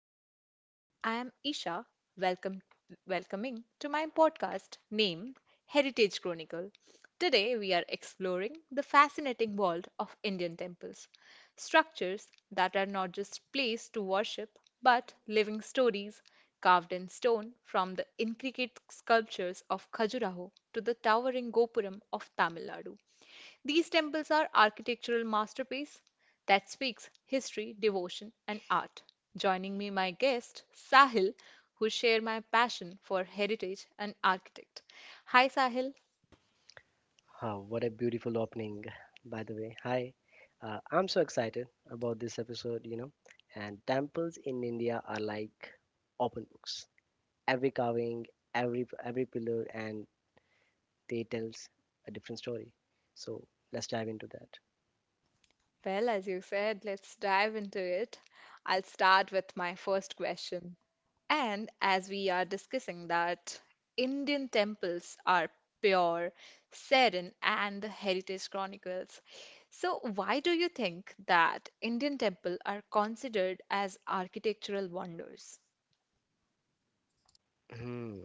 everyone. I am Isha, welcome welcoming to my podcast named Heritage Chronicle. Today we are exploring the fascinating world of Indian temples, structures that are not just places to worship but living stories carved in stone from the intricate sculptures of Khajuraho to the towering Gopuram of Tamil Nadu. These temples are architectural masterpieces that speaks history, devotion, and art. Joining me, my guest Sahil, who share my passion for heritage and architect. Hi, Sahil. Oh, what a beautiful opening, by the way. Hi, I'm so excited about this episode. And temples in India are like open books. Every carving, every pillar, and they tells a different story. So let's dive into that. Well, as you said, let's dive into it. I'll start with my first question. And as we are discussing that Indian temples are pure, serene, and the heritage chronicles. So why do you think that Indian temple are considered as architectural wonders? Hmm,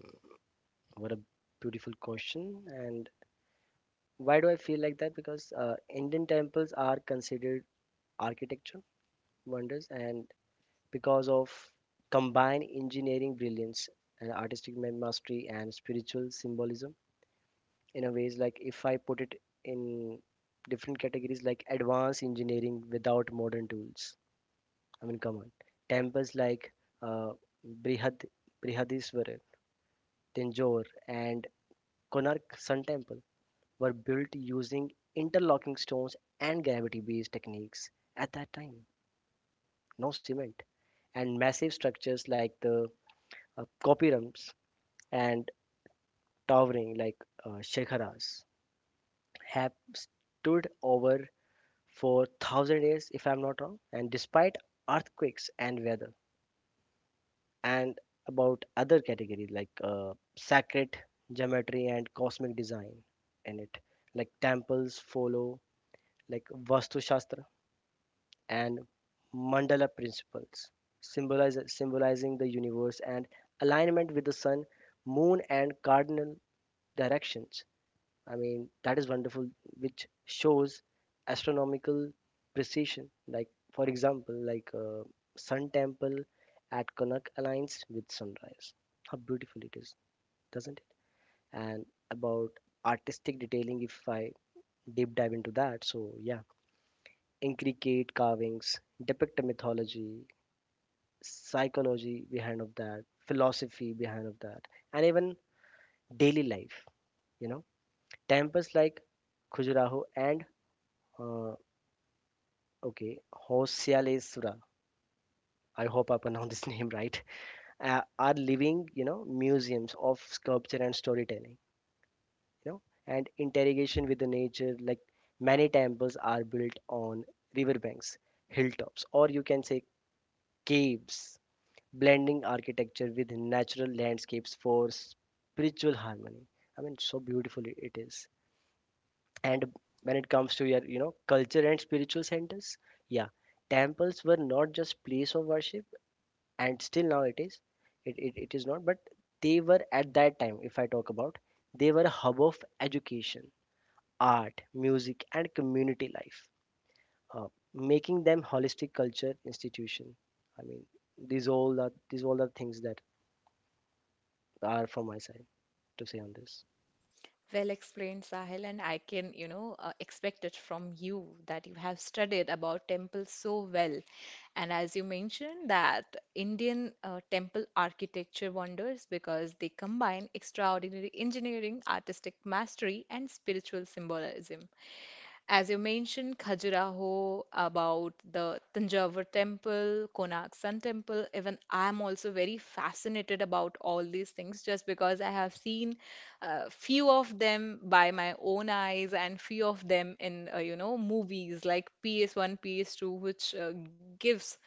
what a beautiful question. And why do I feel like that? Because Indian temples are considered architecture wonders, and because of combined engineering brilliance and mastery and spiritual symbolism in a ways, like if I put it in different categories, like advanced engineering without modern tools. I mean, come on, temples like uh, brihad brihadiswarar tanjore and konark sun temple were built using interlocking stones and gravity based techniques at that time, no cement. And massive structures like the copyrums and towering like Shekharas, have stood over for 1,000 years, if I'm not wrong, and despite earthquakes and weather. And about other categories, like sacred geometry and cosmic design in it, like temples follow like Vastu Shastra and mandala principles, symbolizing the universe and alignment with the sun, moon, and cardinal directions. I mean, that is wonderful, which shows astronomical precision. Like, for example, like Sun Temple at Connaught aligns with sunrise. How beautiful it is, doesn't it? And about artistic detailing, if I deep dive into that, so yeah, intricate carvings depict a mythology, psychology behind of that, philosophy behind of that, and even daily life. You know, temples like Khajuraho and uh, okay Hoysalesura, I hope I pronounced this name right, are living, you know, museums of sculpture and storytelling, you know, and interrogation with the nature. Like many temples are built on riverbanks, hilltops, or you can say caves, blending architecture with natural landscapes for spiritual harmony. I mean, so beautiful it is. And when it comes to your, you know, culture and spiritual centers, yeah, temples were not just place of worship, and still now it is, it is not, but they were at that time. If I talk about, they were a hub of education, art, music, and community life, uh, making them holistic culture institution. I mean, these all are things that are from my side to say on this. Well explained, Sahil, and I can, you know, expect it from you that you have studied about temples so well. And as you mentioned, that Indian temple architecture wonders because they combine extraordinary engineering, artistic mastery, and spiritual symbolism. As you mentioned, Khajuraho, about the Tanjavur temple, Konak Sun temple, even I'm also very fascinated about all these things just because I have seen few of them by my own eyes and few of them in you know movies like PS1, PS2, which gives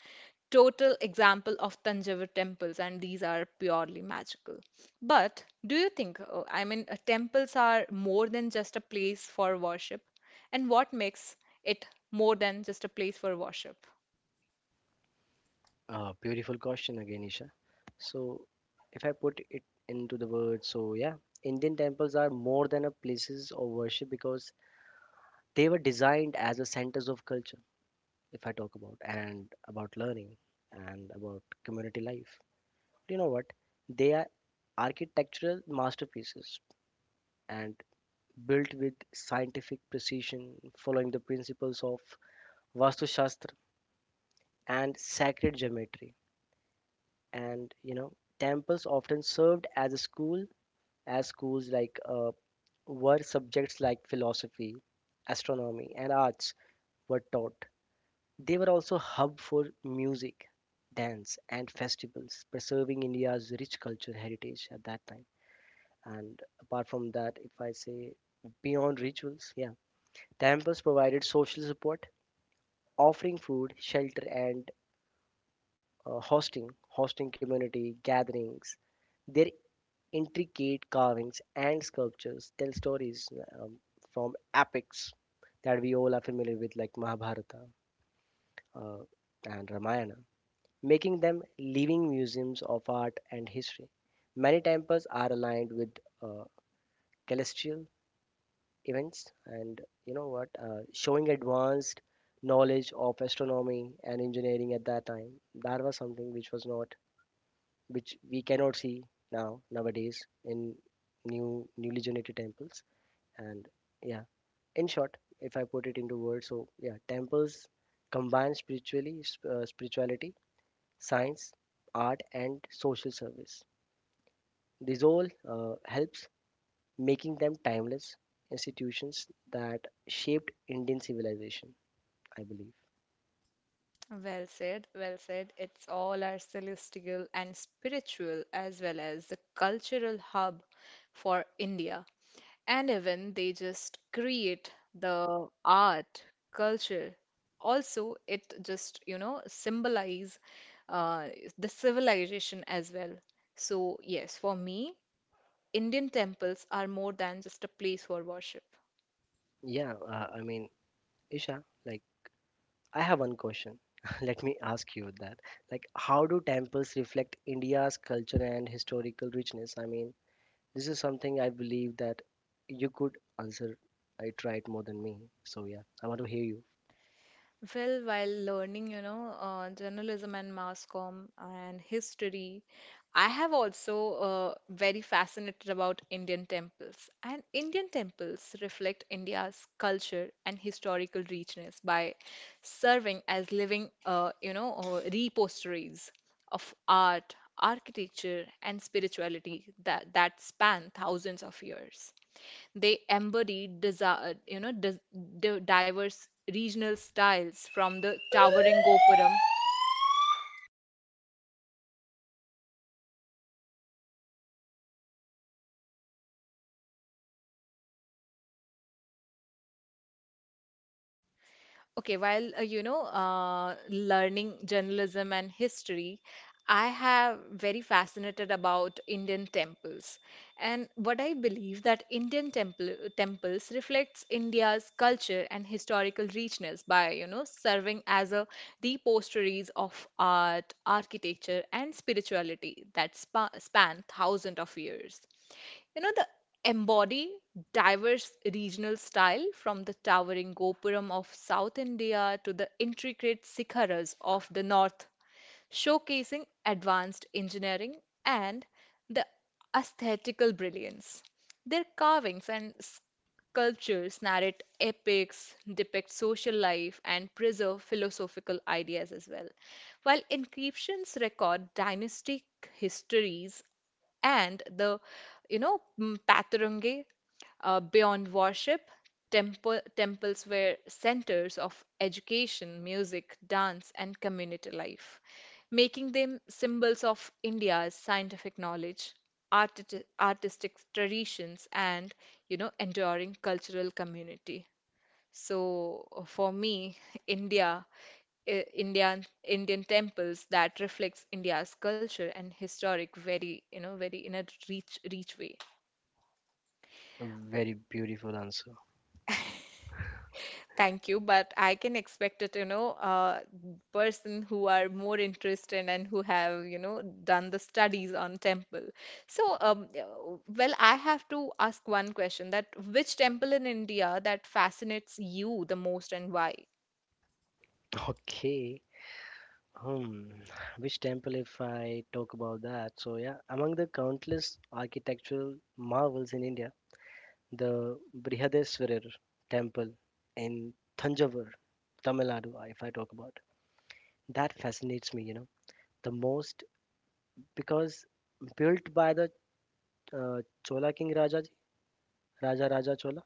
total example of Tanjavur temples, and these are purely magical. But do you think, I mean, temples are more than just a place for worship? And what makes it more than just a place for worship? Beautiful question again, Isha. So if I put it into the words, so yeah, Indian temples are more than a places of worship because they were designed as a centers of culture, if I talk about, and about learning, and about community life. You know what? They are architectural masterpieces and built with scientific precision, following the principles of Vastu Shastra and sacred geometry. And you know, temples often served as a school, as schools, like where subjects like philosophy, astronomy, and arts were taught. They were also hub for music, dance, and festivals, preserving India's rich cultural heritage at that time. And apart from that, if I say beyond rituals, yeah, temples provided social support, offering food, shelter, and hosting community gatherings. Their intricate carvings and sculptures tell stories um, from epics that we all are familiar with, like Mahabharata uh, and Ramayana, making them living museums of art and history. Many temples are aligned with uh, celestial events, and you know what, showing advanced knowledge of astronomy and engineering at that time. That was something which was not, which we cannot see now nowadays in newly generated temples. And yeah, in short, if I put it into words, so yeah, temples combine spirituality, science, art, and social service. This all helps making them timeless institutions that shaped Indian civilization, I believe. Well said, well said. It's all our celestial and spiritual, as well as the cultural hub for India. And even they just create the art, culture. Also, it just, you know, symbolize uh, the civilization as well. So, yes, for me, Indian temples are more than just a place for worship. Yeah, I mean, Isha, like, I have one question. Let me ask you that. Like, how do temples reflect India's culture and historical richness? I mean, this is something I believe that you could answer it right more than me. So, yeah, I want to hear you. Well, while learning, you know, journalism and mass comm and history, I have also very fascinated about Indian temples. And Indian temples reflect India's culture and historical richness by serving as living, repositories of art, architecture, and spirituality that span thousands of years. They embody you know, diverse regional styles from the towering Gopuram. Okay, while you know, learning journalism and history, I have very fascinated about Indian temples. And what I believe that Indian temples reflects India's culture and historical richness by, you know, serving as a repositories of art, architecture, and spirituality that span thousands of years. You know, the embody diverse regional style from the towering Gopuram of South India to the intricate Sikharas of the North, showcasing advanced engineering and the aesthetical brilliance. Their carvings and sculptures narrate epics, depict social life, and preserve philosophical ideas as well, while inscriptions record dynastic histories and the, you know, Patarange. Beyond worship, temples were centers of education, music, dance, and community life, making them symbols of India's scientific knowledge, artistic traditions, and you know, enduring cultural community. So for me, India, Indian temples that reflects India's culture and historic very, you know, very in a rich way. A very beautiful answer. Thank you, but I can expect it, you know, person who are more interested and who have, you know, done the studies on temple. So, well, I have to ask one question that which temple in India that fascinates you the most and why? Okay. Hmm, which temple if I talk about that? So yeah, among the countless architectural marvels in India, the Brihadeswarar temple in Thanjavur, Tamil Nadu, if I talk about, that fascinates me, you know, the most, because built by the uh, Chola King Rajaji, Raja Raja Chola,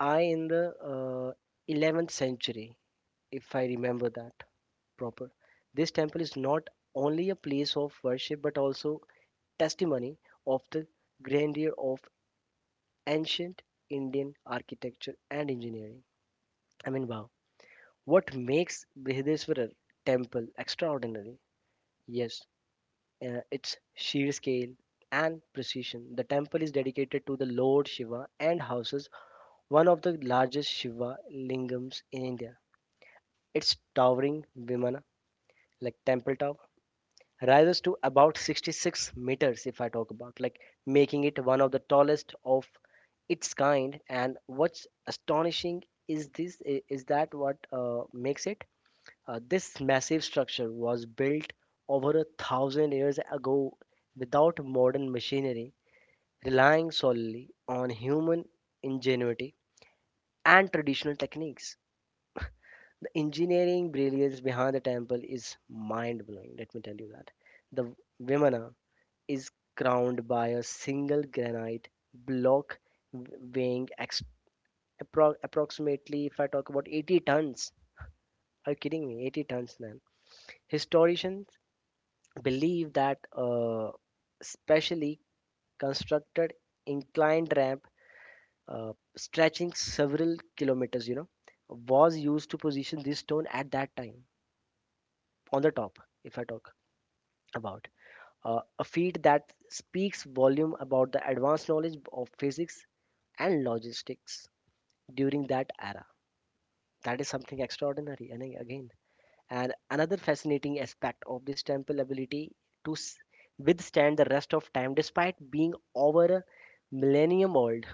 I in the 11th century, if I remember that proper. This temple is not only a place of worship but also testimony of the grandeur of ancient Indian architecture and engineering. I mean, wow. What makes Brihadeswarar temple extraordinary? Yes, its sheer scale and precision. The temple is dedicated to the Lord Shiva and houses one of the largest Shiva lingams in India. Its towering Vimana, like Temple Tower, rises to about 66 meters if I talk about, like making it one of the tallest of its kind. And what's astonishing is this is that what makes it this massive structure was built over 1,000 years ago without modern machinery, relying solely on human ingenuity and traditional techniques. The engineering brilliance behind the temple is mind blowing, let me tell you that. The vimana is crowned by a single granite block weighing approximately, if I talk about, 80 tons. Are you kidding me? 80 tons, man. Historians believe that specially constructed inclined ramp stretching several kilometers, you know, was used to position this stone at that time on the top, if I talk about. A feat that speaks volume about the advanced knowledge of physics and logistics during that era. That is something extraordinary. And again, and another fascinating aspect of this temple ability to withstand the rest of time, despite being over a millennium old,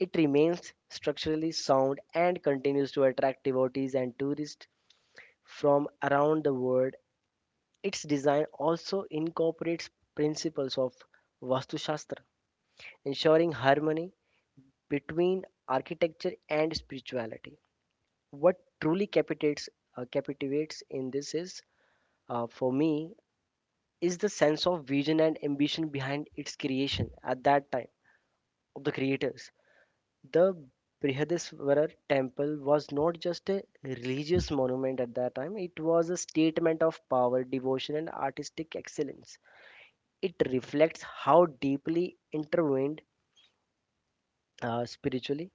it remains structurally sound and continues to attract devotees and tourists from around the world. Its design also incorporates principles of Vastu Shastra, ensuring harmony between architecture and spirituality. What truly captivates in this is, for me, is the sense of vision and ambition behind its creation at that time of the creators. The brihadiswarar temple was not just a religious monument at that time, it was a statement of power, devotion, and artistic excellence. It reflects how deeply intertwined spiritually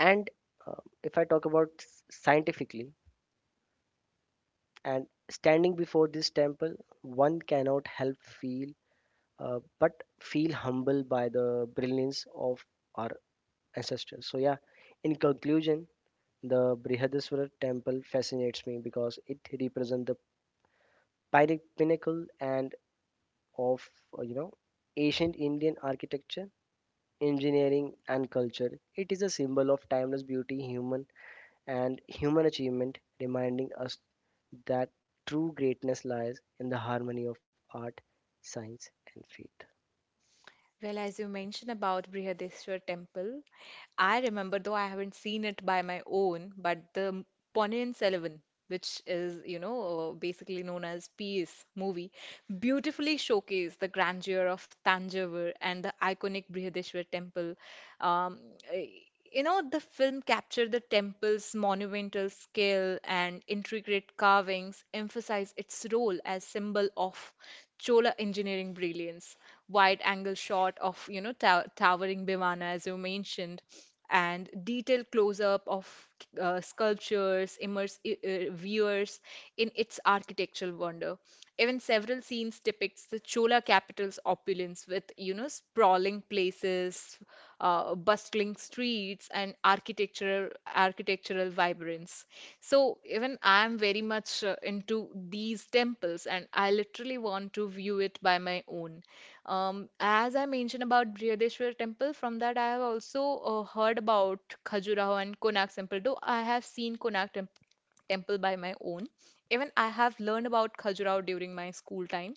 and uh, if I talk about scientifically. And standing before this temple, one cannot help feel, but feel humbled by the brilliance of our ancestors. So yeah, in conclusion, the Brihadaswara temple fascinates me because it represents the pinnacle and of uh, you know ancient Indian architecture, engineering, and culture. It is a symbol of timeless beauty, human achievement, reminding us that true greatness lies in the harmony of art, science, and faith. Well, as you mentioned about Brihadeshwar temple, I remember though I haven't seen it by my own, but the Ponniyin Selvan, which is, you know, basically known as Peace movie, beautifully showcased the grandeur of Tanjavur and the iconic Brihadeshwar temple. Um, eh, you know, the film captured the temple's monumental scale and intricate carvings, emphasize its role as symbol of Chola engineering brilliance. Wide angle shot of, you know, towering Bimana, as you mentioned, and detailed close up of sculptures, immerse viewers in its architectural wonder. Even several scenes depicts the Chola capital's opulence with, you know, sprawling places, bustling streets, and architectural vibrance. So even I am very much into these temples, and I literally want to view it by my own. As I mentioned about Brihadeshwar temple, from that I have also heard about Khajuraho and Konark temple. Though I have seen Konark temp temple by my own, even I have learned about Khajuraho during my school time.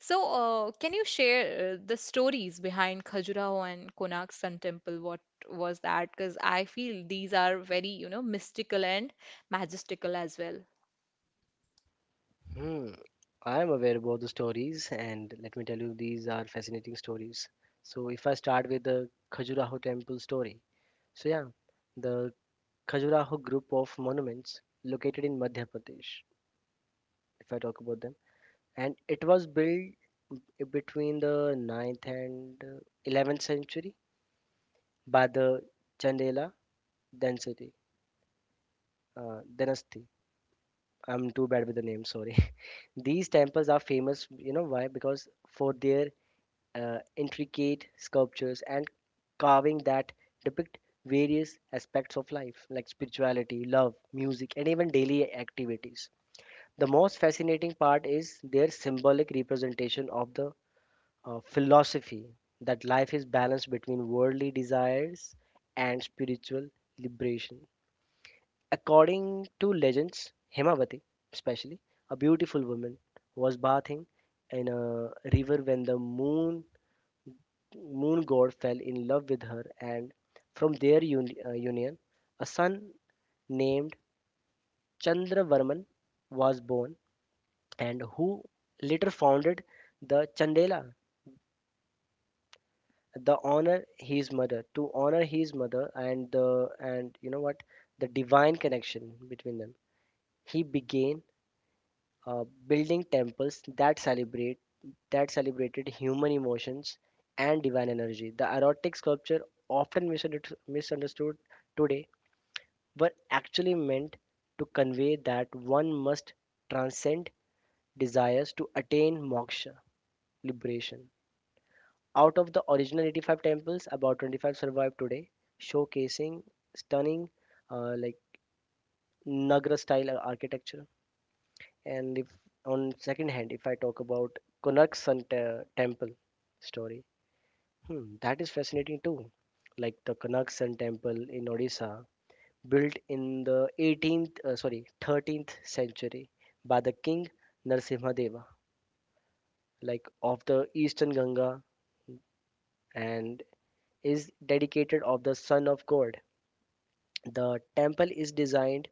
So, can you share the stories behind Khajuraho and Konark Sun temple? What was that? Because I feel these are very, you know, mystical and majestical as well. Hmm. I am aware about the stories, and let me tell you, these are fascinating stories. So, if I start with the Khajuraho temple story, so yeah, the Khajuraho group of monuments located in Madhya Pradesh, if I talk about them, and it was built between the ninth and 11th century by the Chandela Density, Dynasty. I'm too bad with the name, sorry. These temples are famous, you know why? Because for their intricate sculptures and carving that depict various aspects of life, like spirituality, love, music, and even daily activities. The most fascinating part is their symbolic representation of the philosophy that life is balanced between worldly desires and spiritual liberation. According to legends, Hemavati, especially, a beautiful woman, was bathing in a river when the moon god fell in love with her, and from union, a son named Chandravarman was born, and who later founded the Chandela. The honor his mother to honor his mother and the, and you know what, the divine connection between them. He began building temples that celebrate that celebrated human emotions and divine energy. The erotic sculpture, often misunderstood today, were actually meant to convey that one must transcend desires to attain moksha liberation. Out of the original 85 temples, about 25 survive today, showcasing stunning like Nagra style architecture. And if on second hand, if I talk about Temple story, hmm, that is fascinating too. Like the Konark Sun Temple in Odisha, built in the 13th century by the king Narasimhadeva, like of the Eastern Ganga, and is dedicated of the Son of God. The temple is designed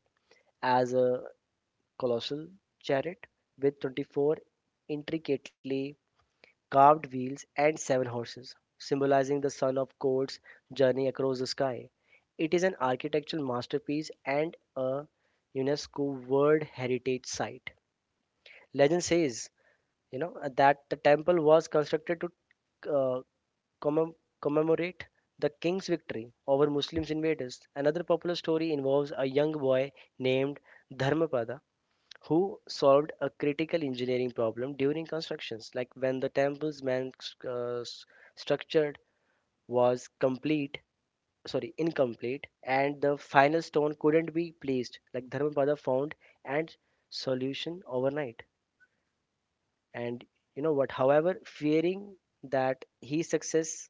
as a colossal chariot with 24 intricately carved wheels, and 7 horses, symbolizing the sun of God's journey across the sky. It is an architectural masterpiece and a UNESCO World Heritage Site. Legend says, you know, that the temple was constructed to uh, commem- commemorate the king's victory over Muslim invaders. Another popular story involves a young boy named Dharmapada who solved a critical engineering problem during constructions, like when the temple's main uh, s- structure was incomplete, and the final stone couldn't be placed. Like Dharmapada found and solution overnight. And you know what? However, fearing that his success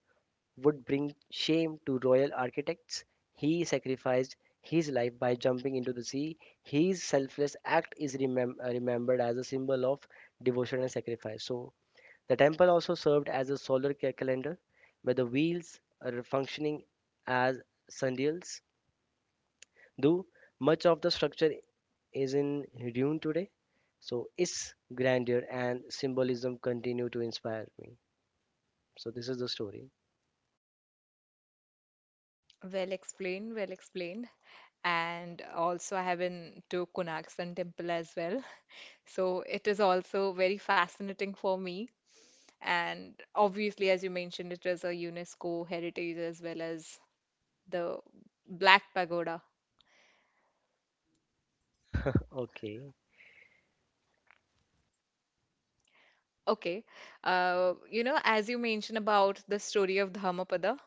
would bring shame to royal architects. He sacrificed his life by jumping into the sea. His selfless act is remembered as a symbol of devotion and sacrifice. So, the temple also served as a solar calendar where the wheels are functioning as sundials. Though much of the structure is in ruin today, so its grandeur and symbolism continue to inspire me. So, this is the story. Well explained, well explained. And also, I have been to Konark Sun Temple as well. So it is also very fascinating for me. And obviously, as you mentioned, it is a UNESCO heritage as well as the Black Pagoda. Okay. Okay. You know, as you mentioned about the story of Dhammapada,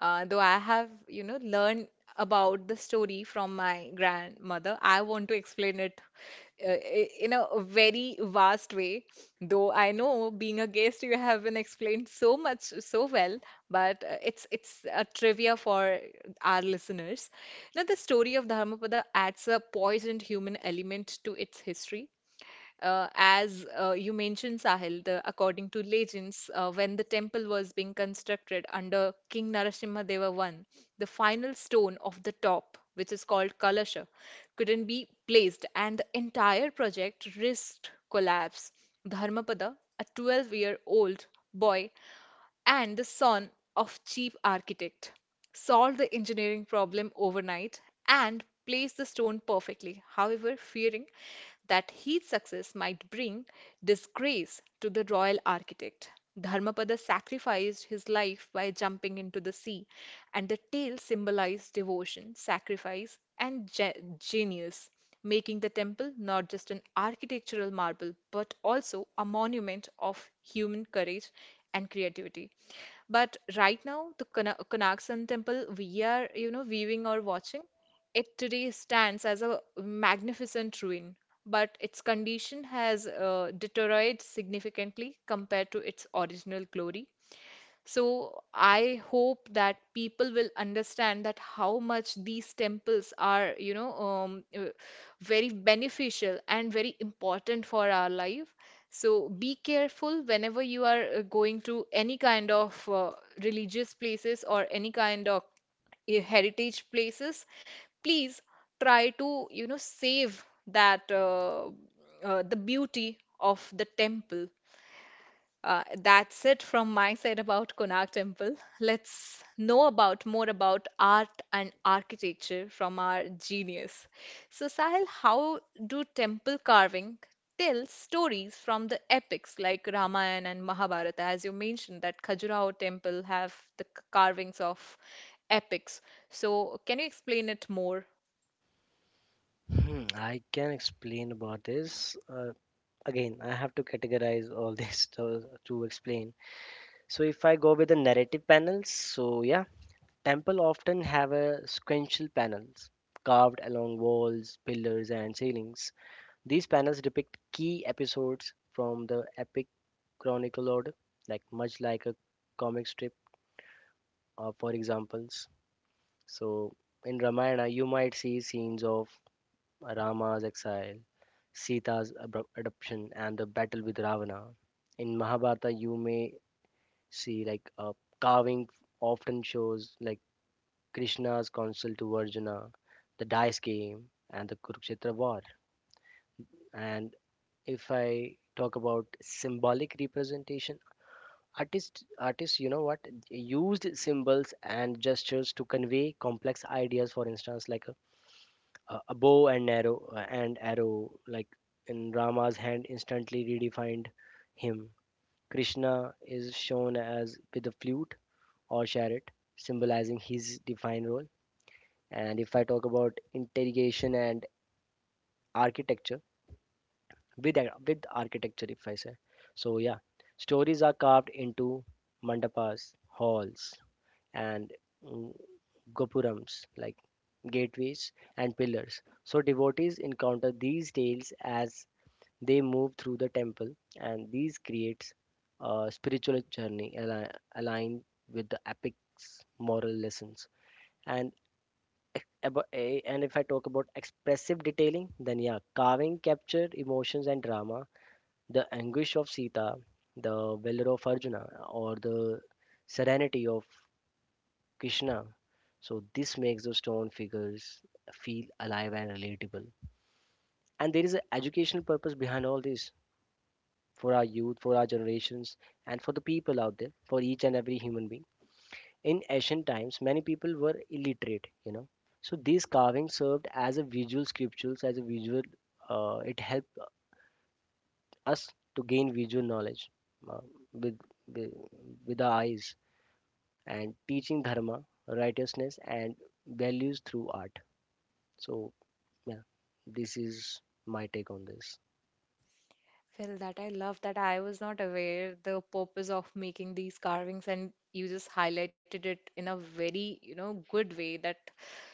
though I have, you know, learned about the story from my grandmother, I want to explain it uh, in a very vast way. Though I know being a guest, you have been explained so much so well, but it's a trivia for our listeners. Now, the story of Dharmapada adds a poisoned human element to its history. As you mentioned, Sahil, the, according to legends, when the temple was being constructed under King Narasimha Deva I, the final stone of the top, which is called Kalasha, couldn't be placed, and the entire project risked collapse. Dharmapada, a 12-year-old boy, and the son of chief architect solved the engineering problem overnight and placed the stone perfectly. However, fearing that his success might bring disgrace to the royal architect, Dharmapada sacrificed his life by jumping into the sea, and the tale symbolized devotion, sacrifice, and genius, making the temple not just an architectural marvel but also a monument of human courage and creativity. But right now, the Konak Sun temple we are, you know, viewing or watching, it today stands as a magnificent ruin, but its condition has deteriorated significantly compared to its original glory. So I hope that people will understand that how much these temples are, you know, very beneficial and very important for our life. So be careful whenever you are going to any kind of religious places or any kind of heritage places. Please try to, you know, save that the beauty of the temple. That's it from my side about Konark Temple. Let's know about more about art and architecture from our genius. So, Sahil, how do temple carving tell stories from the epics like Ramayana and Mahabharata? As you mentioned, that Khajuraho temple have the carvings of epics. So, can you explain it more? Hmm, I can explain about this. Again, I have to categorize all this to explain. So, if I go with the narrative panels, so yeah, temple often have a sequential panels carved along walls, pillars, and ceilings. These panels depict key episodes from the epic chronicle order, like much like a comic strip, for examples. So, in Ramayana, you might see scenes of Rama's exile, Sita's adoption, and the battle with Ravana. In Mahabharata, you may see like a carving often shows like Krishna's counsel to Arjuna, the dice game, and the Kurukshetra war. And if I talk about symbolic representation, artists you know what used symbols and gestures to convey complex ideas. For instance, like a bow and arrow like in Rama's hand instantly redefined him. Krishna is shown as with a flute or chariot, symbolizing his divine role. And if I talk about interrogation and architecture, with architecture, if I say, so yeah, stories are carved into mandapas, halls, and mm, gopurams, like gateways and pillars. So devotees encounter these tales as they move through the temple, and these creates a spiritual journey aligned with the epic's moral lessons. And and if I talk about expressive detailing, then yeah, carving captured emotions and drama, the anguish of Sita, the valor of Arjuna, or the serenity of Krishna. So this makes the stone figures feel alive and relatable. And there is an educational purpose behind all this, for our youth, for our generations, and for the people out there, for each and every human being. In ancient times, many people were illiterate, you know. So these carvings served as a visual scriptures, as a visual, it helped us to gain visual knowledge uh, with, with, with our eyes and teaching dharma, righteousness, and values through art. So, yeah, this is my take on this. Well, that I love that I was not aware the purpose of making these carvings, and you just highlighted it in a very, you know, good way that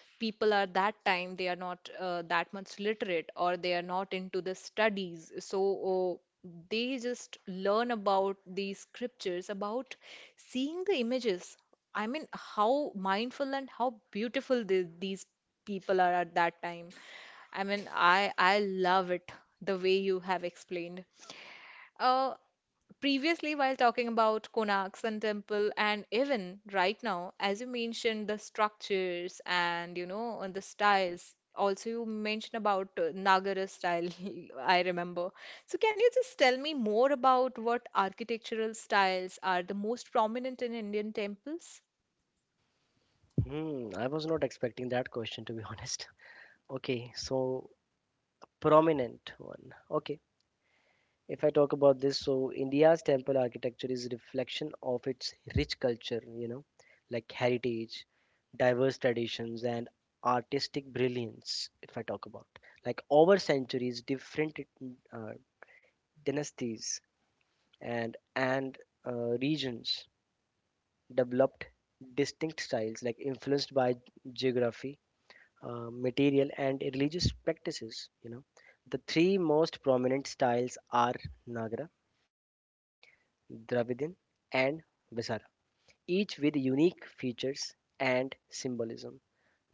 people are that time they are not that much literate or they are not into the studies. So they just learn about these scriptures, about seeing the images. I mean, how mindful and how beautiful these people are at that time. I mean, I love it the way you have explained. Uh, Previously, while talking about Konark Sun Temple, and even right now, as you mentioned, the structures and you know and the styles. Also, you mentioned about Nagara style. I remember. So, can you just tell me more about what architectural styles are the most prominent in Indian temples? Hmm, I was not expecting that question, to be honest. Okay, so prominent one, okay. If I talk about this, so India's temple architecture is a reflection of its rich culture, you know, like heritage, diverse traditions, and artistic brilliance. If I talk about, like, over centuries different uh, dynasties and regions developed distinct styles like influenced by geography, material and religious practices, you know. The three most prominent styles are Nagara, Dravidian, and Vesara, each with unique features and symbolism.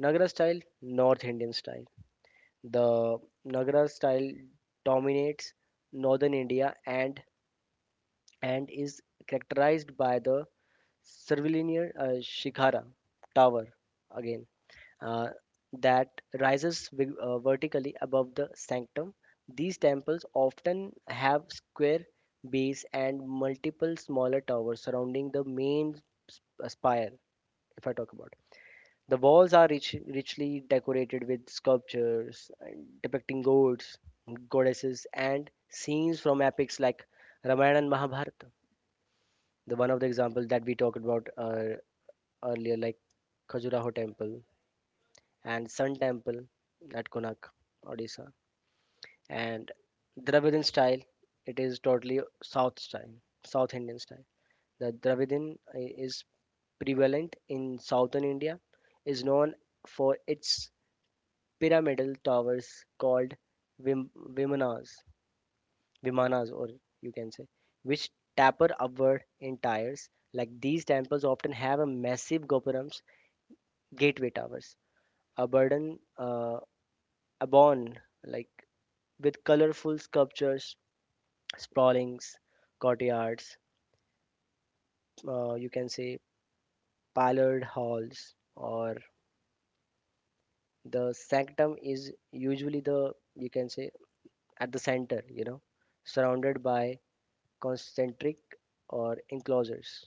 Nagara style, North Indian style. The Nagara style dominates northern India and is characterized by the curvilinear shikhara tower, again, uh, that vertically above the sanctum. These temples often have square base and multiple smaller towers surrounding the main spire. If I talk about, the walls are rich, richly decorated with sculptures and depicting gods, goddesses, and scenes from epics like Ramayana and Mahabharata. The one of the examples that we talked about earlier, like Khajuraho temple and Sun Temple at Konak, Odisha. And Dravidin style, it is totally South style, South Indian style. The is prevalent in southern India, is known for its pyramidal towers called Vim- Vimanas, Vimanas, or you can say, which taper upward in tiers. Like these temples often have a massive gopurams, gateway towers, a burden, a bond like with colorful sculptures, sprawling courtyards, you can say pillared halls, or the sanctum is usually the, you can say, at the center, you know, surrounded by concentric or enclosures.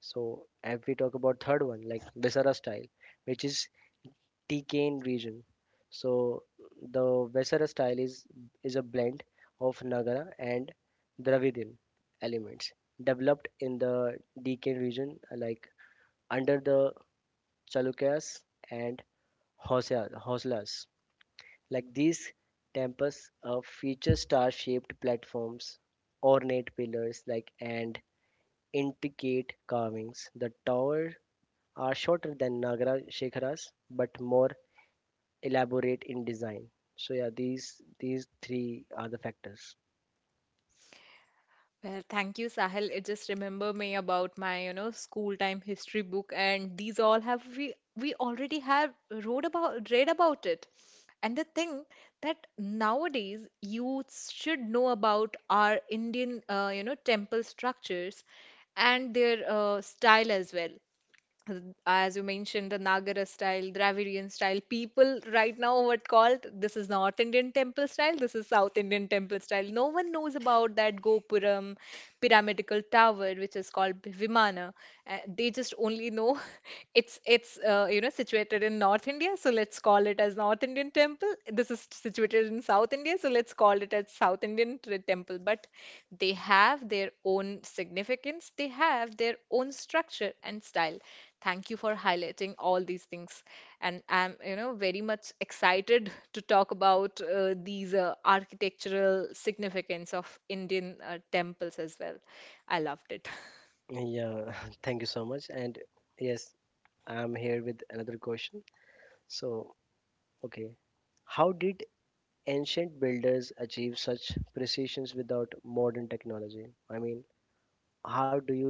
So, if we talk about third one, like Visara style, which is Deccan region. So the Vesara style is a blend of Nagara and Dravidian elements developed in the Deccan region, like under the Chalukyas and Housalas. Like these temples feature star-shaped platforms, ornate pillars, like, and intricate carvings. The towers are shorter than Nagara Shikharas but more elaborate in design. So yeah, these three are the factors. Well, thank you, Sahil. It just remember me about my, you know, school time history book, and these all have we already have wrote about read about it. And the thing that nowadays youths should know about are Indian, you know, temple structures and their style as well as you mentioned, the Nagara style, Dravidian style. People right now what called this is North Indian temple style, this is South Indian temple style. No one knows about that Gopuram pyramidical tower, which is called Vimana. They just only know it's you know situated in North India, so let's call it as North Indian temple. This is situated in South India, so let's call it as temple. But they have their own significance, they have their own structure and style. Thank you for highlighting all these things. And I'm, you know, very much excited to talk about these architectural significance of Indian temples as well. I loved it. Yeah, thank you so much. And yes, I'm here with another question. So, okay, how did ancient builders achieve such precisions without modern technology? I mean, how do you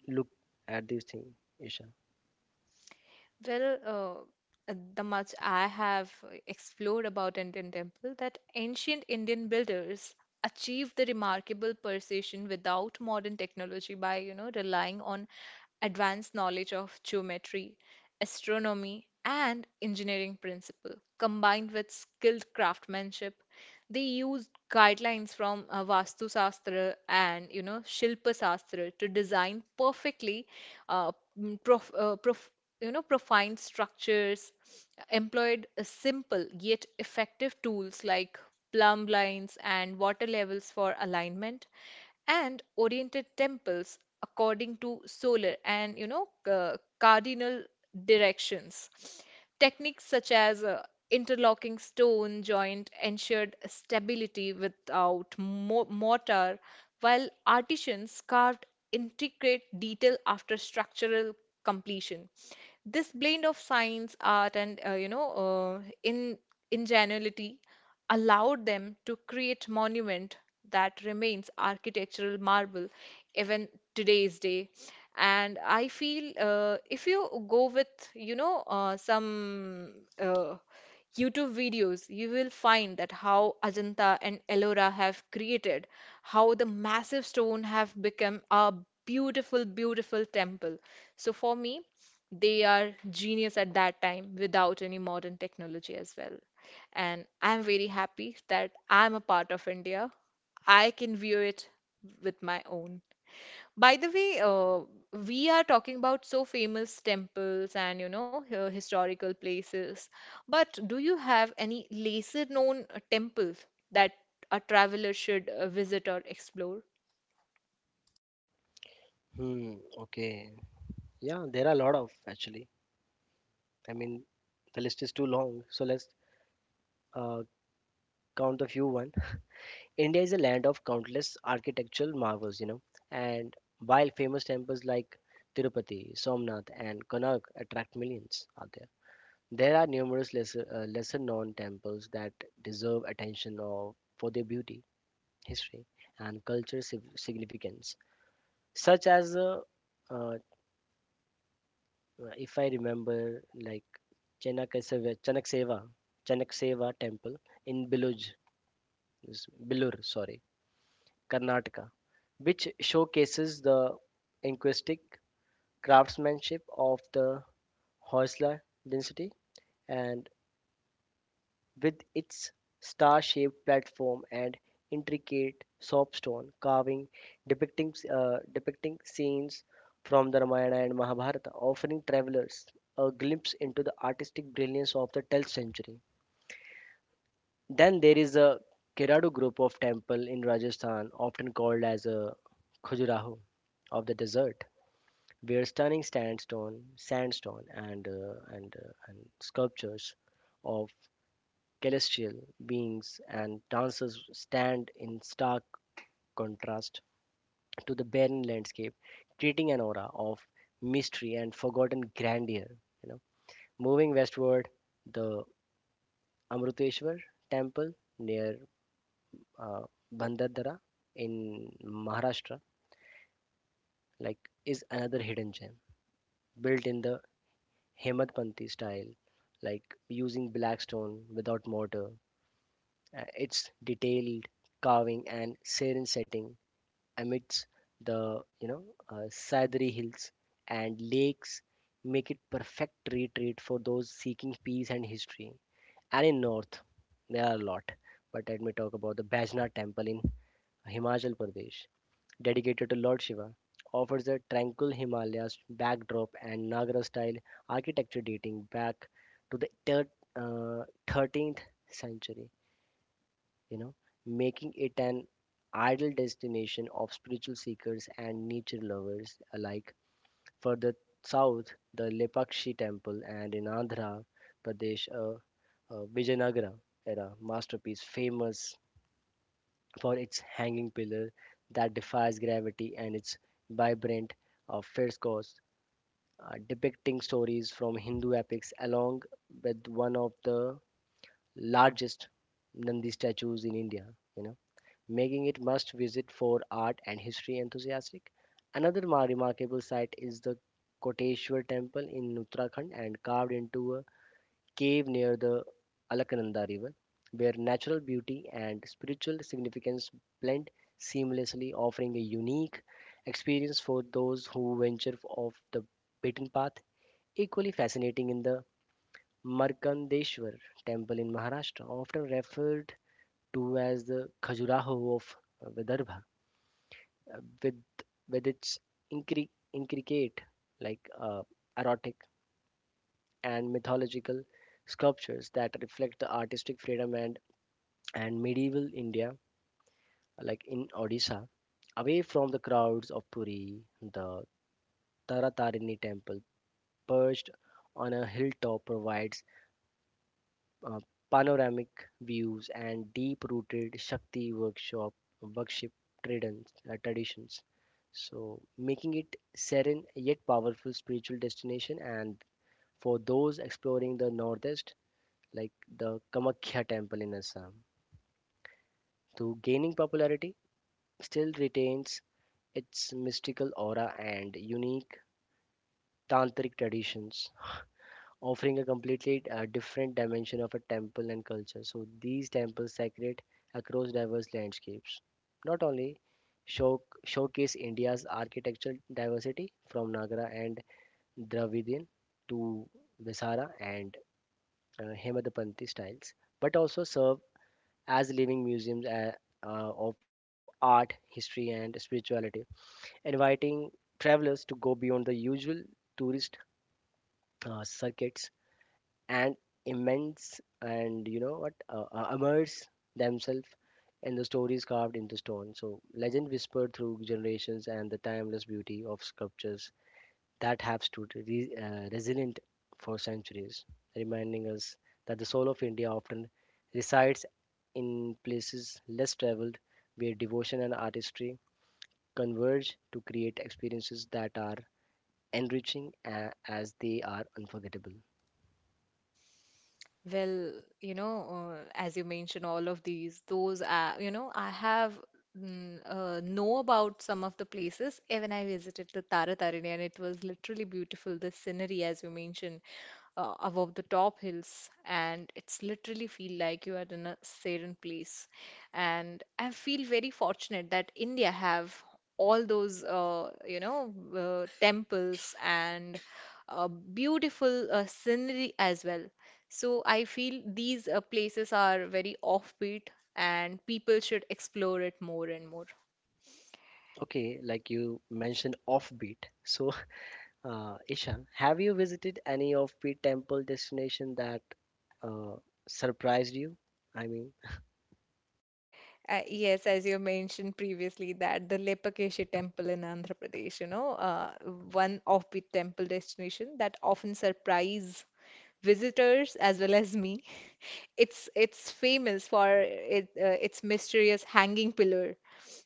look at these things, Isha? Well, the much I have explored about Indian temple that ancient Indian builders achieved the remarkable precision without modern technology by, you know, relying on advanced knowledge of geometry, astronomy, and engineering principle. Combined with skilled craftsmanship, they used guidelines from Vastu Shastra and Shilpa Shastra to design perfectly uh, mm, prof, uh, prof, profined structures, employed simple yet effective tools like plumb lines and water levels for alignment, and oriented temples according to solar and cardinal directions. Techniques such as interlocking stone joint ensured stability without mortar, while artisans carved intricate detail after structural completion. This blend of science, art, and you know, in ingenuity allowed them to create monument that remains architectural marvel even today's day. And I feel if you go with some uh, YouTube videos, you will find that how Ajanta and Ellora have created, how the massive stone have become a beautiful temple. So for me, they are genius at that time without any modern technology as well. And I'm very happy that I'm a part of India. I can view it with my own. By the way, we are talking about so famous temples and historical places, but do you have any lesser known temples that a traveler should visit or explore? Hmm, okay. Yeah, there are a lot of actually. I mean, the list is too long, so let's uh, count a few one. India is a land of countless architectural marvels, you know, and while famous temples like Tirupati, Somnath, and Konark attract millions out there, there are numerous lesser known temples that deserve attention of, for their beauty, history, and cultural significance, such as uh, if I remember, like Chanakaseva, Chanakseva, Chanakseva temple in Bilur, sorry, Karnataka, which showcases the linguistic craftsmanship of the Hoysala dynasty and with its star-shaped platform and intricate soapstone carving depicting scenes from the Ramayana and Mahabharata, offering travelers a glimpse into the artistic brilliance of the 12th century. Then there is a Keradu group of temple in Rajasthan, often called as a Khajuraho of the desert, where stunning sandstone and sculptures of celestial beings and dancers stand in stark contrast to the barren landscape, creating an aura of mystery and forgotten grandeur. You know, moving westward, the Amruteshwar temple near uh, Bandardara in Maharashtra, like, is another hidden gem built in the Hemantpati style, like using black stone without mortar. Its detailed carving and serene setting amidst the, you know, Saidri hills and lakes make it perfect retreat for those seeking peace and history. And in north, there are a lot. But let me talk about the Bajna temple in Himachal Pradesh dedicated to Lord Shiva, offers a tranquil Himalayas backdrop and Nagara style architecture dating back to the 13th century, you know, making it an ideal destination of spiritual seekers and nature lovers alike. Further south, the Lepakshi temple and in Andhra Pradesh, Vijayanagara era masterpiece famous for its hanging pillar that defies gravity and its vibrant frescoes depicting stories from Hindu epics, along with one of the largest Nandi statues in India. You know, making it must visit for art and history enthusiasts. Another remarkable site is the Koteshwar temple in Uttarakhand and carved into a cave near the Alakananda River, where natural beauty and spiritual significance blend seamlessly, offering a unique experience for those who venture off the beaten path. Equally fascinating in the Markandeshwar temple in Maharashtra, often referred to as the Khajuraho of Vidarbha, uh, with, with its intricate, like, erotic and mythological sculptures that reflect the artistic freedom and medieval India, like in Odisha, away from the crowds of Puri, the Taratarini temple, perched on a hilltop, provides uh, panoramic views and deep-rooted Shakti workshop worship traditions. So, making it serene yet powerful spiritual destination, and for those exploring the northeast, like the Kamakhya temple in Assam, to gaining popularity, still retains its mystical aura and unique tantric traditions, offering a completely different dimension of a temple and culture. So these temples sacred across diverse landscapes. Not only showcase India's architectural diversity from Nagara and Dravidian to Vesara and Hemadapanthi styles, but also serve as living museums of art, history, and spirituality, inviting travelers to go beyond the usual tourist circuits and immense and you know what immerse themselves in the stories carved into stone. So legend whispered through generations and the timeless beauty of sculptures that have stood resilient for centuries, reminding us that the soul of India often resides in places less traveled where devotion and artistry converge to create experiences that are enriching a as they are unforgettable. Well, as you mentioned, all of these, those are, I have know about some of the places. Even I visited the Tara and it was literally beautiful. The scenery, as you mentioned, above the top hills, and it's literally feel like you are in a serene place. And I feel very fortunate that India have all those, temples and beautiful scenery as well. So I feel these places are very offbeat and people should explore it more and more. Okay, like you mentioned offbeat. So, Isha, have you visited any offbeat temple destination that uh, surprised you? I mean, Yes, as you mentioned previously, that the Lepakeshe temple in Andhra Pradesh, one offbeat temple destination that often surprise visitors as well as me. It's famous for it, its mysterious hanging pillar,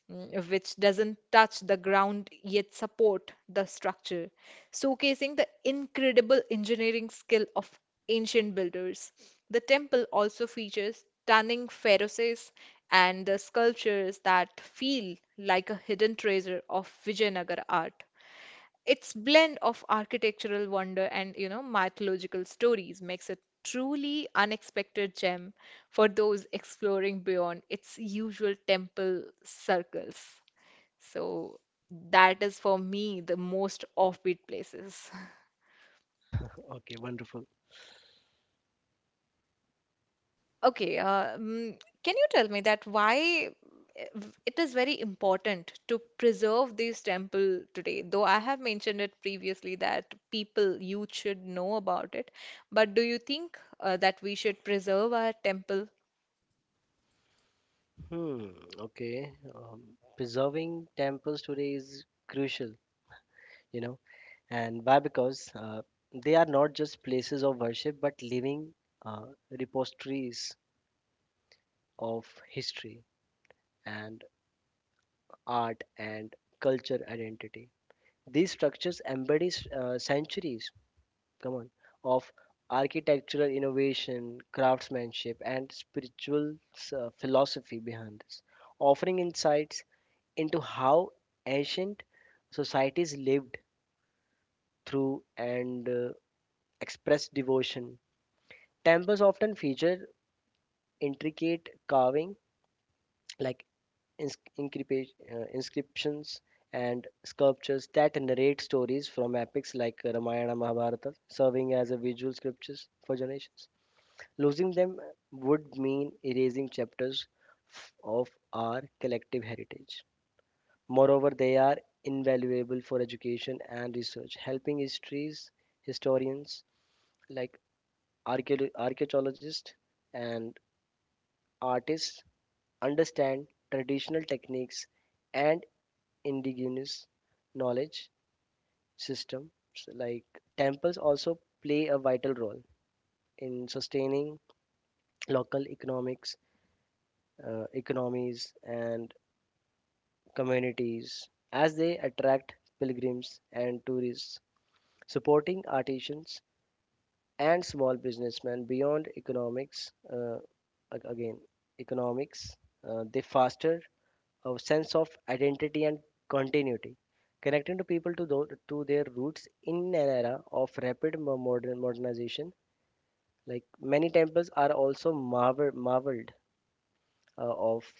which doesn't touch the ground yet support the structure, showcasing the incredible engineering skill of ancient builders. The temple also features stunning ferruses and the sculptures that feel like a hidden treasure of Vijayanagar art. Its blend of architectural wonder and mythological stories makes it truly unexpected gem for those exploring beyond its usual temple circles. So that is for me the most offbeat places. okay, wonderful. Okay, can you tell me that why uh, it is very important to preserve this temple today? Though I have mentioned it previously that people, youth should know about it, but do you think that we should preserve our temple? Hmm, okay. Preserving temples today is crucial, you know, and why? Because they are not just places of worship, but living uh, repositories of history and art, and culture identity. These structures embody centuries, come on, of architectural innovation, craftsmanship, and spiritual philosophy behind this, offering insights into how ancient societies lived through and expressed devotion. Temples often feature intricate carving like inscriptions and sculptures that narrate stories from epics like Ramayana Mahabharata, serving as a visual scriptures for generations. Losing them would mean erasing chapters of our collective heritage. Moreover, they are invaluable for education and research, helping historians like archaeologists and artists understand traditional techniques and indigenous knowledge systems. Like temples also play a vital role in sustaining local economics economies and communities as they attract pilgrims and tourists, supporting artisans and small businessmen beyond economics uh, ag- again economics. They foster a sense of identity and continuity, connecting to people to, to their roots in an era of rapid modernization. Like many temples are also marveled uh, of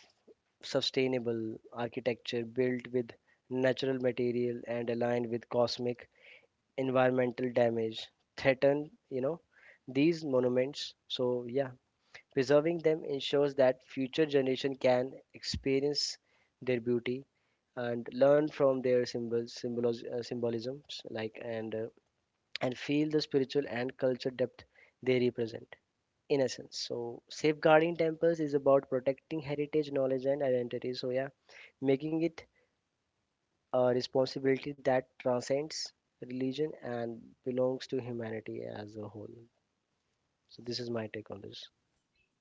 sustainable architecture, built with natural material and aligned with cosmic environmental damage threaten these monuments, so preserving them ensures that future generation can experience their beauty and learn from their symbolisms, and feel the spiritual and culture depth they represent. In essence, safeguarding temples is about protecting heritage, knowledge, and identity. Making it a responsibility that transcends religion and belongs to humanity as a whole. So this is my take on this.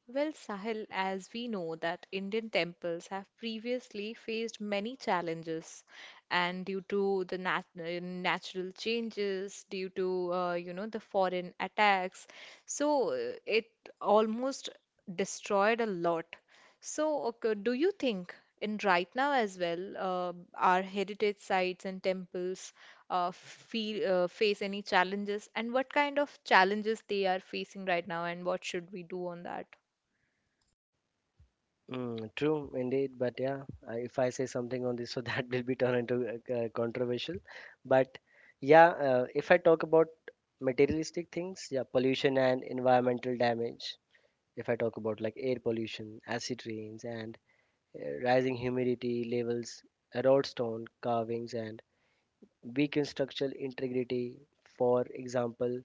Well, Sahil, as we know that Indian temples have previously faced many challenges, and due to the natural changes, due to the foreign attacks, so it almost destroyed a lot. So, okay, do you think in right now as well, our heritage sites and temples feel face any challenges, and what kind of challenges they are facing right now, and what should we do on that? Mm, true indeed, but yeah, if I say something on this, so that will be turned into controversial. But yeah, if I talk about materialistic things, yeah, pollution and environmental damage. If I talk about like air pollution, acid rains, and rising humidity levels, erode stone carvings, and weaken structural integrity. For example,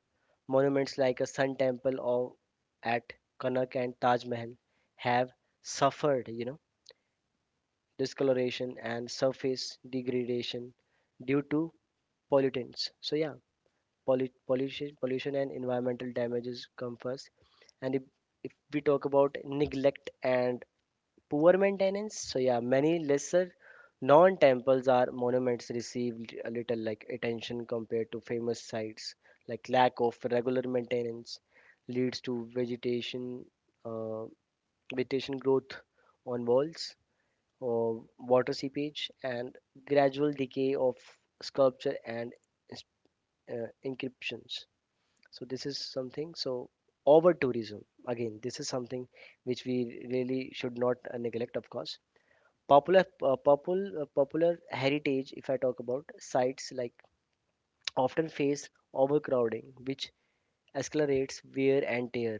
monuments like a Sun Temple or at Kanak and Taj Mahal have suffered. You know, discoloration and surface degradation due to pollutants. So yeah, pollution and environmental damages come first. And if we talk about neglect and poor maintenance, so yeah, many lesser non-temples are monuments received a little like attention compared to famous sites. Like lack of regular maintenance leads to vegetation, uh, vegetation growth on walls, uh, water seepage, and gradual decay of sculpture and ins- inscriptions. So this is something. So over tourism again, this is something which we really should not neglect. Of course, popular heritage. If I talk about sites like often face overcrowding, which accelerates wear and tear,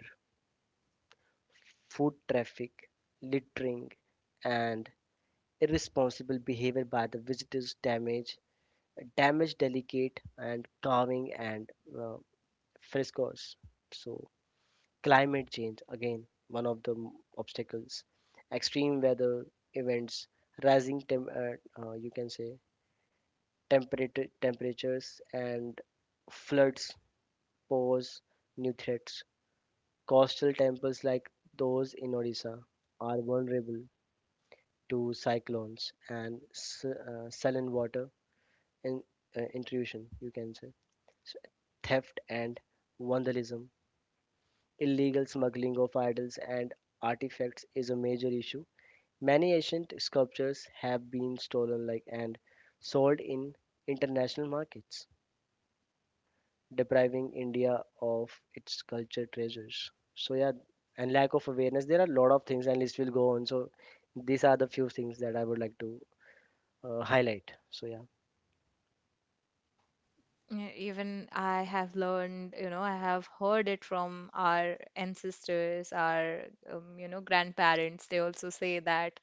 food traffic, littering, and irresponsible behavior by the visitors damage. Damage, delicate and carving and uh, frescoes. So climate change again, one of the obstacles, extreme weather events, you can say temperatures and floods pose new threats. Coastal temples like those in odisha are vulnerable to cyclones and saline water in, intrusion, you can say, theft and vandalism. Illegal smuggling of idols and artifacts is a major issue. Many ancient sculptures have been stolen, like, and sold in international markets, depriving India of its culture treasures. So yeah, and lack of awareness. There are a lot of things, and list will go on. So these are the few things that I would like to highlight. So yeah, Yeah, even I have learned, I have heard it from our ancestors, our, grandparents. They also say that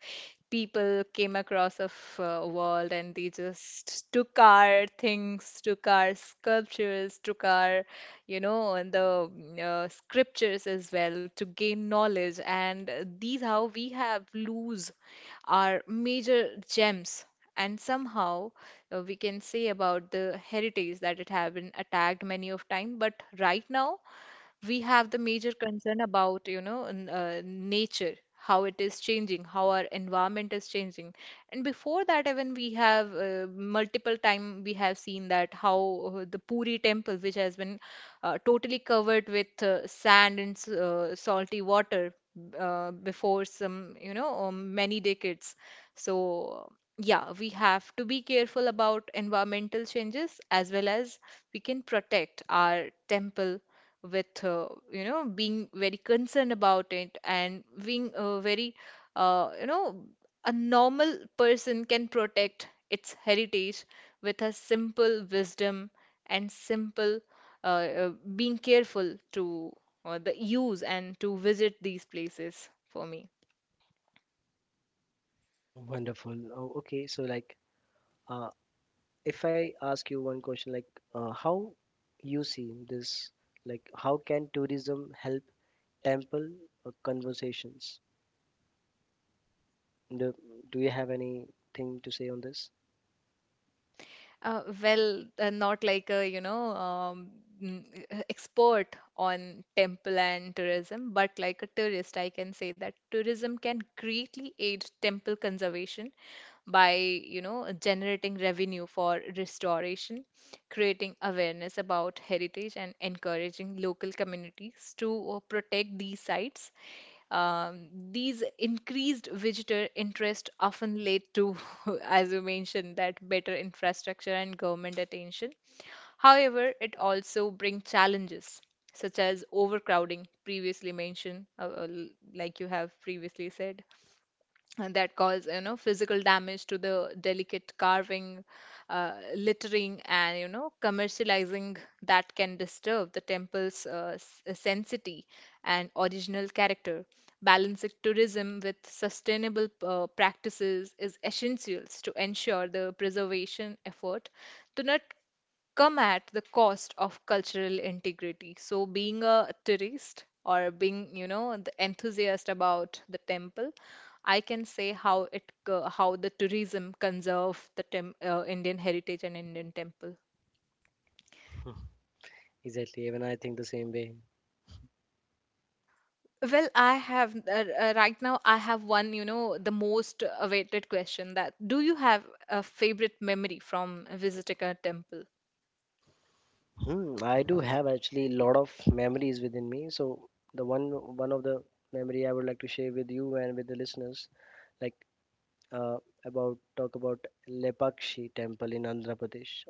people came across a world, and they just took our things, took our sculptures, took our, and the scriptures as well to gain knowledge. And these how we have lose our major gems. And somehow we can say about the heritage that it have been attacked many of time, but right now we have the major concern about nature, how it is changing, how our environment is changing. And before that, even we have multiple time we have seen that how the Puri temple, which has been totally covered with sand and salty water before some many decades. So yeah, we have to be careful about environmental changes, as well as we can protect our temple with, being very concerned about it and being very, uh, you know a normal person can protect its heritage with a simple wisdom and simple, uh, uh, being careful to the use and to visit these places, for me. wonderful. Oh, okay, so like. Uh, if I ask you one question, like how you see this, like how can tourism help temple conversations? Do, do you have anything to say on this? Well, not like a, mm, expert on temple and tourism, but like a tourist, I can say that tourism can greatly aid temple conservation by, generating revenue for restoration, creating awareness about heritage, and encouraging local communities to protect these sites. These increased visitor interest often led to, as you mentioned, that better infrastructure and government attention. However, it also brings challenges such as overcrowding, previously mentioned, like you have previously said, that cause physical damage to the delicate carving, littering, and commercializing that can disturb the temple's sanctity and original character. Balancing tourism with sustainable practices is essential to ensure the preservation effort do not come at the cost of cultural integrity. So, being a tourist or being, the enthusiast about the temple, I can say how how the tourism conserve the tem Indian heritage and Indian temple. Exactly. Even I think the same way. Well, I have right now I have one, the most awaited question, that do you have a favorite memory from visiting a temple? Hmm, I do have actually a lot of memories within me. So the one of the memory I would like to share with you and with the listeners, like uh, about talk about Lepakshi temple in Andhra Pradesh.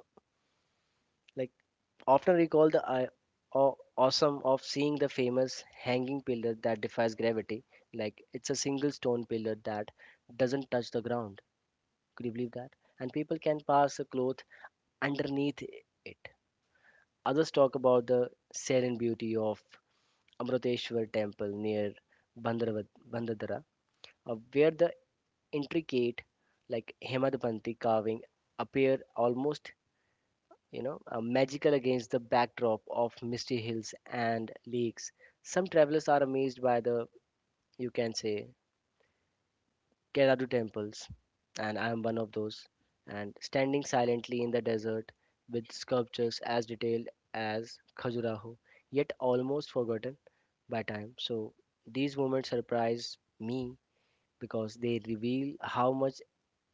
Like often recall the awesome of seeing the famous hanging pillar that defies gravity. Like it's a single stone pillar that doesn't touch the ground. Could you believe that? And people can pass a cloth underneath it. Others talk about the serene beauty of Amruteshwar temple near Bandadara, where the intricate, like Hemadapanti carving, appear almost, you know, magical against the backdrop of misty hills and lakes. Some travelers are amazed by the, you can say, Keradu temples, and I am one of those. And standing silently in the desert with sculptures as detailed as Khajuraho, yet almost forgotten by time. So these moments surprise me because they reveal how much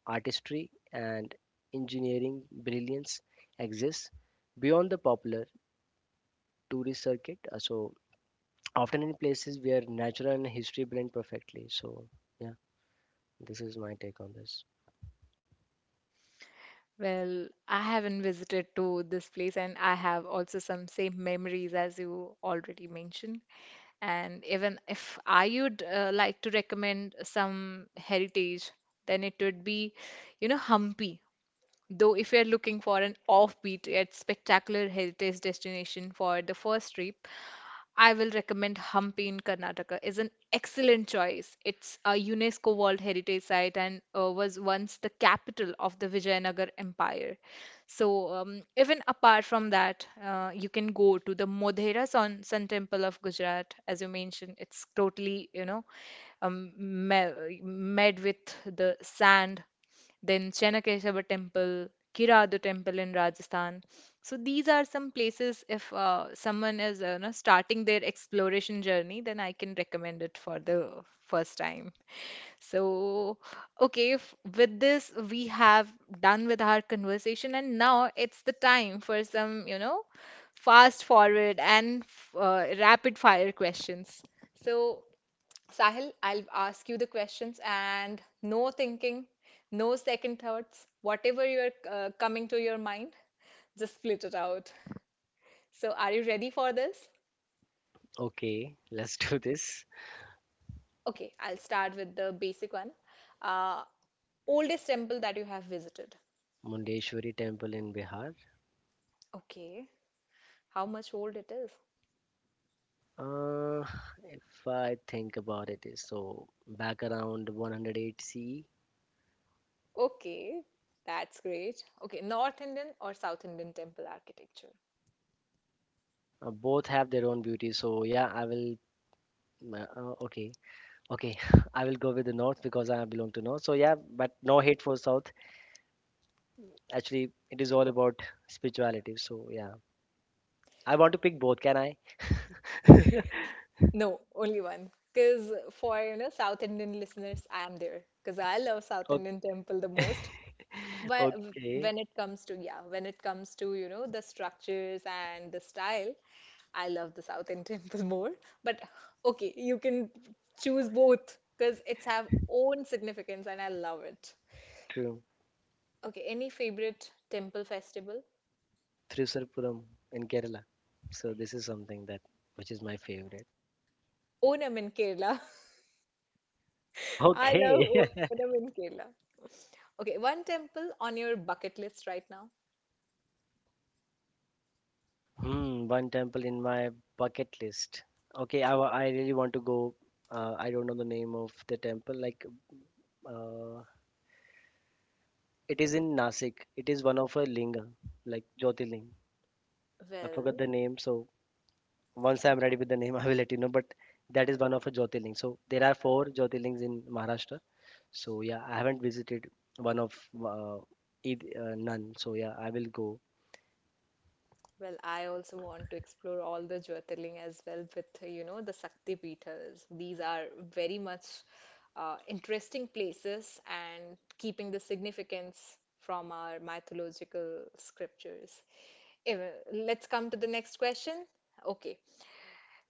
artistry and engineering brilliance exists beyond the popular tourist circuit. So often in places where natural and history blend perfectly. So yeah, this is my take on this. Well, I haven't visited to this place, and I have also some same memories as you already mentioned. And even if I would like to recommend some heritage, then it would be, Hampi. Though, if you're looking for an offbeat yet spectacular heritage destination for the first trip, I will recommend Hampi in Karnataka is an excellent choice. It's a UNESCO World Heritage Site and was once the capital of the Vijayanagar Empire. So even apart from that, you can go to the Modhera Sun Temple of Gujarat. As you mentioned, it's totally, um, made with the sand. Then Chanakeshava Temple, Kiradu Temple in Rajasthan. So these are some places if someone is starting their exploration journey, then I can recommend it for the first time. So, okay, if, with this we have done with our conversation, and now it's the time for some, fast forward and rapid fire questions. So, Sahil, I'll ask you the questions and no thinking, no second thoughts. Whatever you're coming to your mind, just split it out. So, are you ready for this? Okay, let's do this. Okay, I'll start with the basic one. Uh, oldest temple that you have visited. Mundeshwari Temple in Bihar. Okay, how much old it is? Uh, if I think about it, is so back around 108 C. Okay, that's great. Okay, North Indian or South Indian temple architecture? Both have their own beauty. So yeah, I will. Uh, uh, okay, okay, I will go with the north because I belong to north. So yeah, but no hate for south. Actually, it is all about spirituality. So yeah, I want to pick both. Can I? No, only one. Because for South Indian listeners, I am there. Because I love South O- Indian temple the most. But Okay, when it comes to yeah, when it comes to the structures and the style, I love the South Indian temple more. But okay, you can choose both because it's have own significance and I love it. true. Okay, any favorite temple festival? Thrissurapuram in Kerala. So this is something that which is my favorite. Onam in Kerala. I love Okay. Onam in Kerala. Okay, one temple on your bucket list right now. Hmm, one temple in my bucket list. Okay, I really want to go. I don't know the name of the temple. Like, uh, it is in Nasik. It is one of a linga, like Jyotirling. I forgot Well, the name. So once I'm ready with the name, I will let you know. But that is one of a Jyotirling. So there are 4 Jyotirlings in Maharashtra. So yeah, I haven't visited one of uh, none. So yeah, I will go Well, I also want to explore all the Jyotirling as well with, the Sakti Peethas. These are very much interesting places and keeping the significance from our mythological scriptures. If, let's come to the next question. Okay,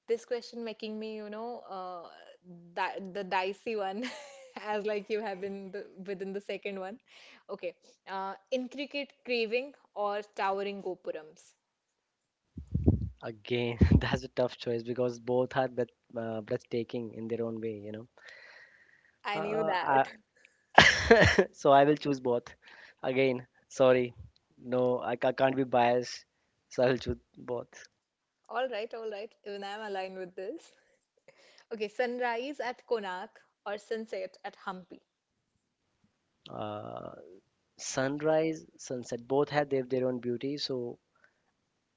this question making me, you know, di the dicey one, as like you have been the, within the second one. Okay, intricate craving or towering gopurams. again. That's a tough choice because both are breathtaking in their own way, you know. I knew I that. so I will choose both. Again, sorry, no, can't be biased. So I will choose both. All right, all right. Even I'm aligned with this. Okay, sunrise at Konark or sunset at Hampi. Uh, sunrise, sunset, both have their own beauty. So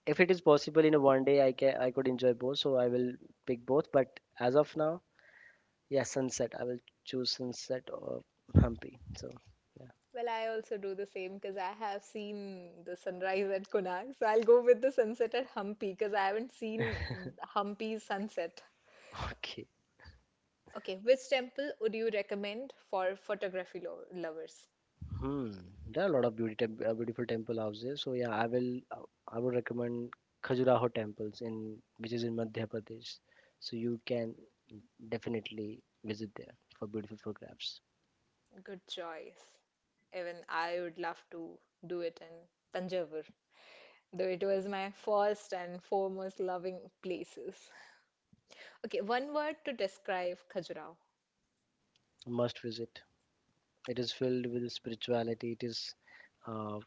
if it is possible in a one day, I can I could enjoy both. So I will pick both. But as of now. Yeah, sunset. I will choose sunset or Hampi. So, yeah. Well, I also do the same because I have seen the sunrise at Konark. So I'll go with the sunset at Hampi because I haven't seen Hampi's sunset. Okay. Okay, which temple would you recommend for photography lo lovers? Hmm. There are a lot of beautiful temple houses. So yeah, I would recommend Khajuraho temples in which is in Madhya Pradesh. So you can definitely visit there for beautiful photographs. Good choice. Even I would love to do it in Tanjavur, though it was my first and foremost loving places. Okay, one word to describe Khajuraho. Must visit. It is filled with spirituality. It is uh,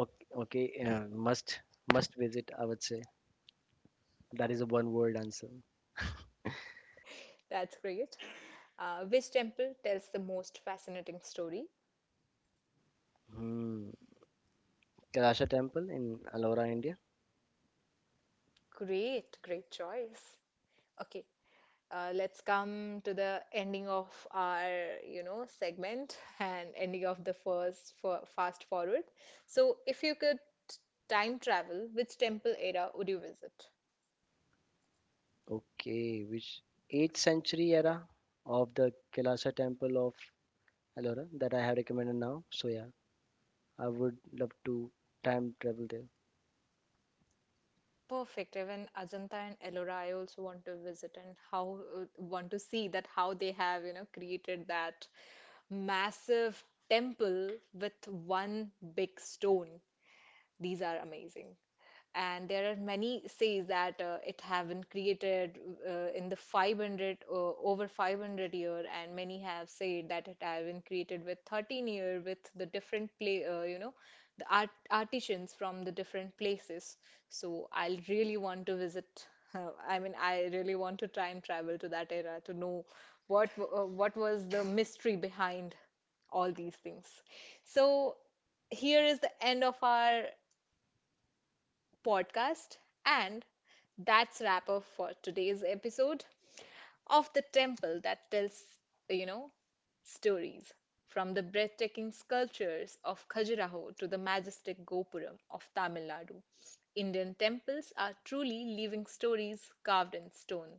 okay must visit. I would say that is a one word answer. That's great. Which temple tells the most fascinating story? Hmm. Kailasha temple in Alora, India. Great, great choice. Okay, let's come to the ending of our, segment and ending of the first for fast forward. So, if you could time travel, which temple era would you visit? Okay, which 8th century era of the Kailasa temple of Ellora that I have recommended now. So yeah, I would love to time travel there. Perfect. Even Ajanta and Ellora, I also want to visit and how want to see that how they have, created that massive temple with one big stone. These are amazing. And there are many says that it have been created in the 500, over 500 year, and many have said that it have been created with 13-year with the different play, the artisans from the different places. So I'll really want to visit. I mean, I really want to try and travel to that era to know what was the mystery behind all these things. So here is the end of our podcast. And that's wrap up for today's episode of the temple that tells, you know, stories. From the breathtaking sculptures of Khajuraho to the majestic Gopuram of Tamil Nadu, Indian temples are truly living stories carved in stone.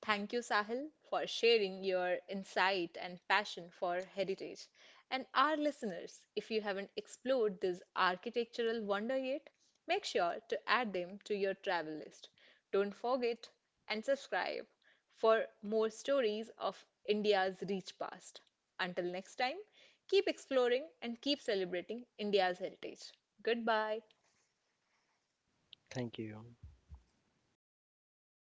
Thank you, Sahil, for sharing your insight and passion for heritage. And our listeners, if you haven't explored this architectural wonder yet, make sure to add them to your travel list. Don't forget and subscribe for more stories of India's rich past. Until next time, keep exploring and keep celebrating India's heritage. Goodbye. Thank you.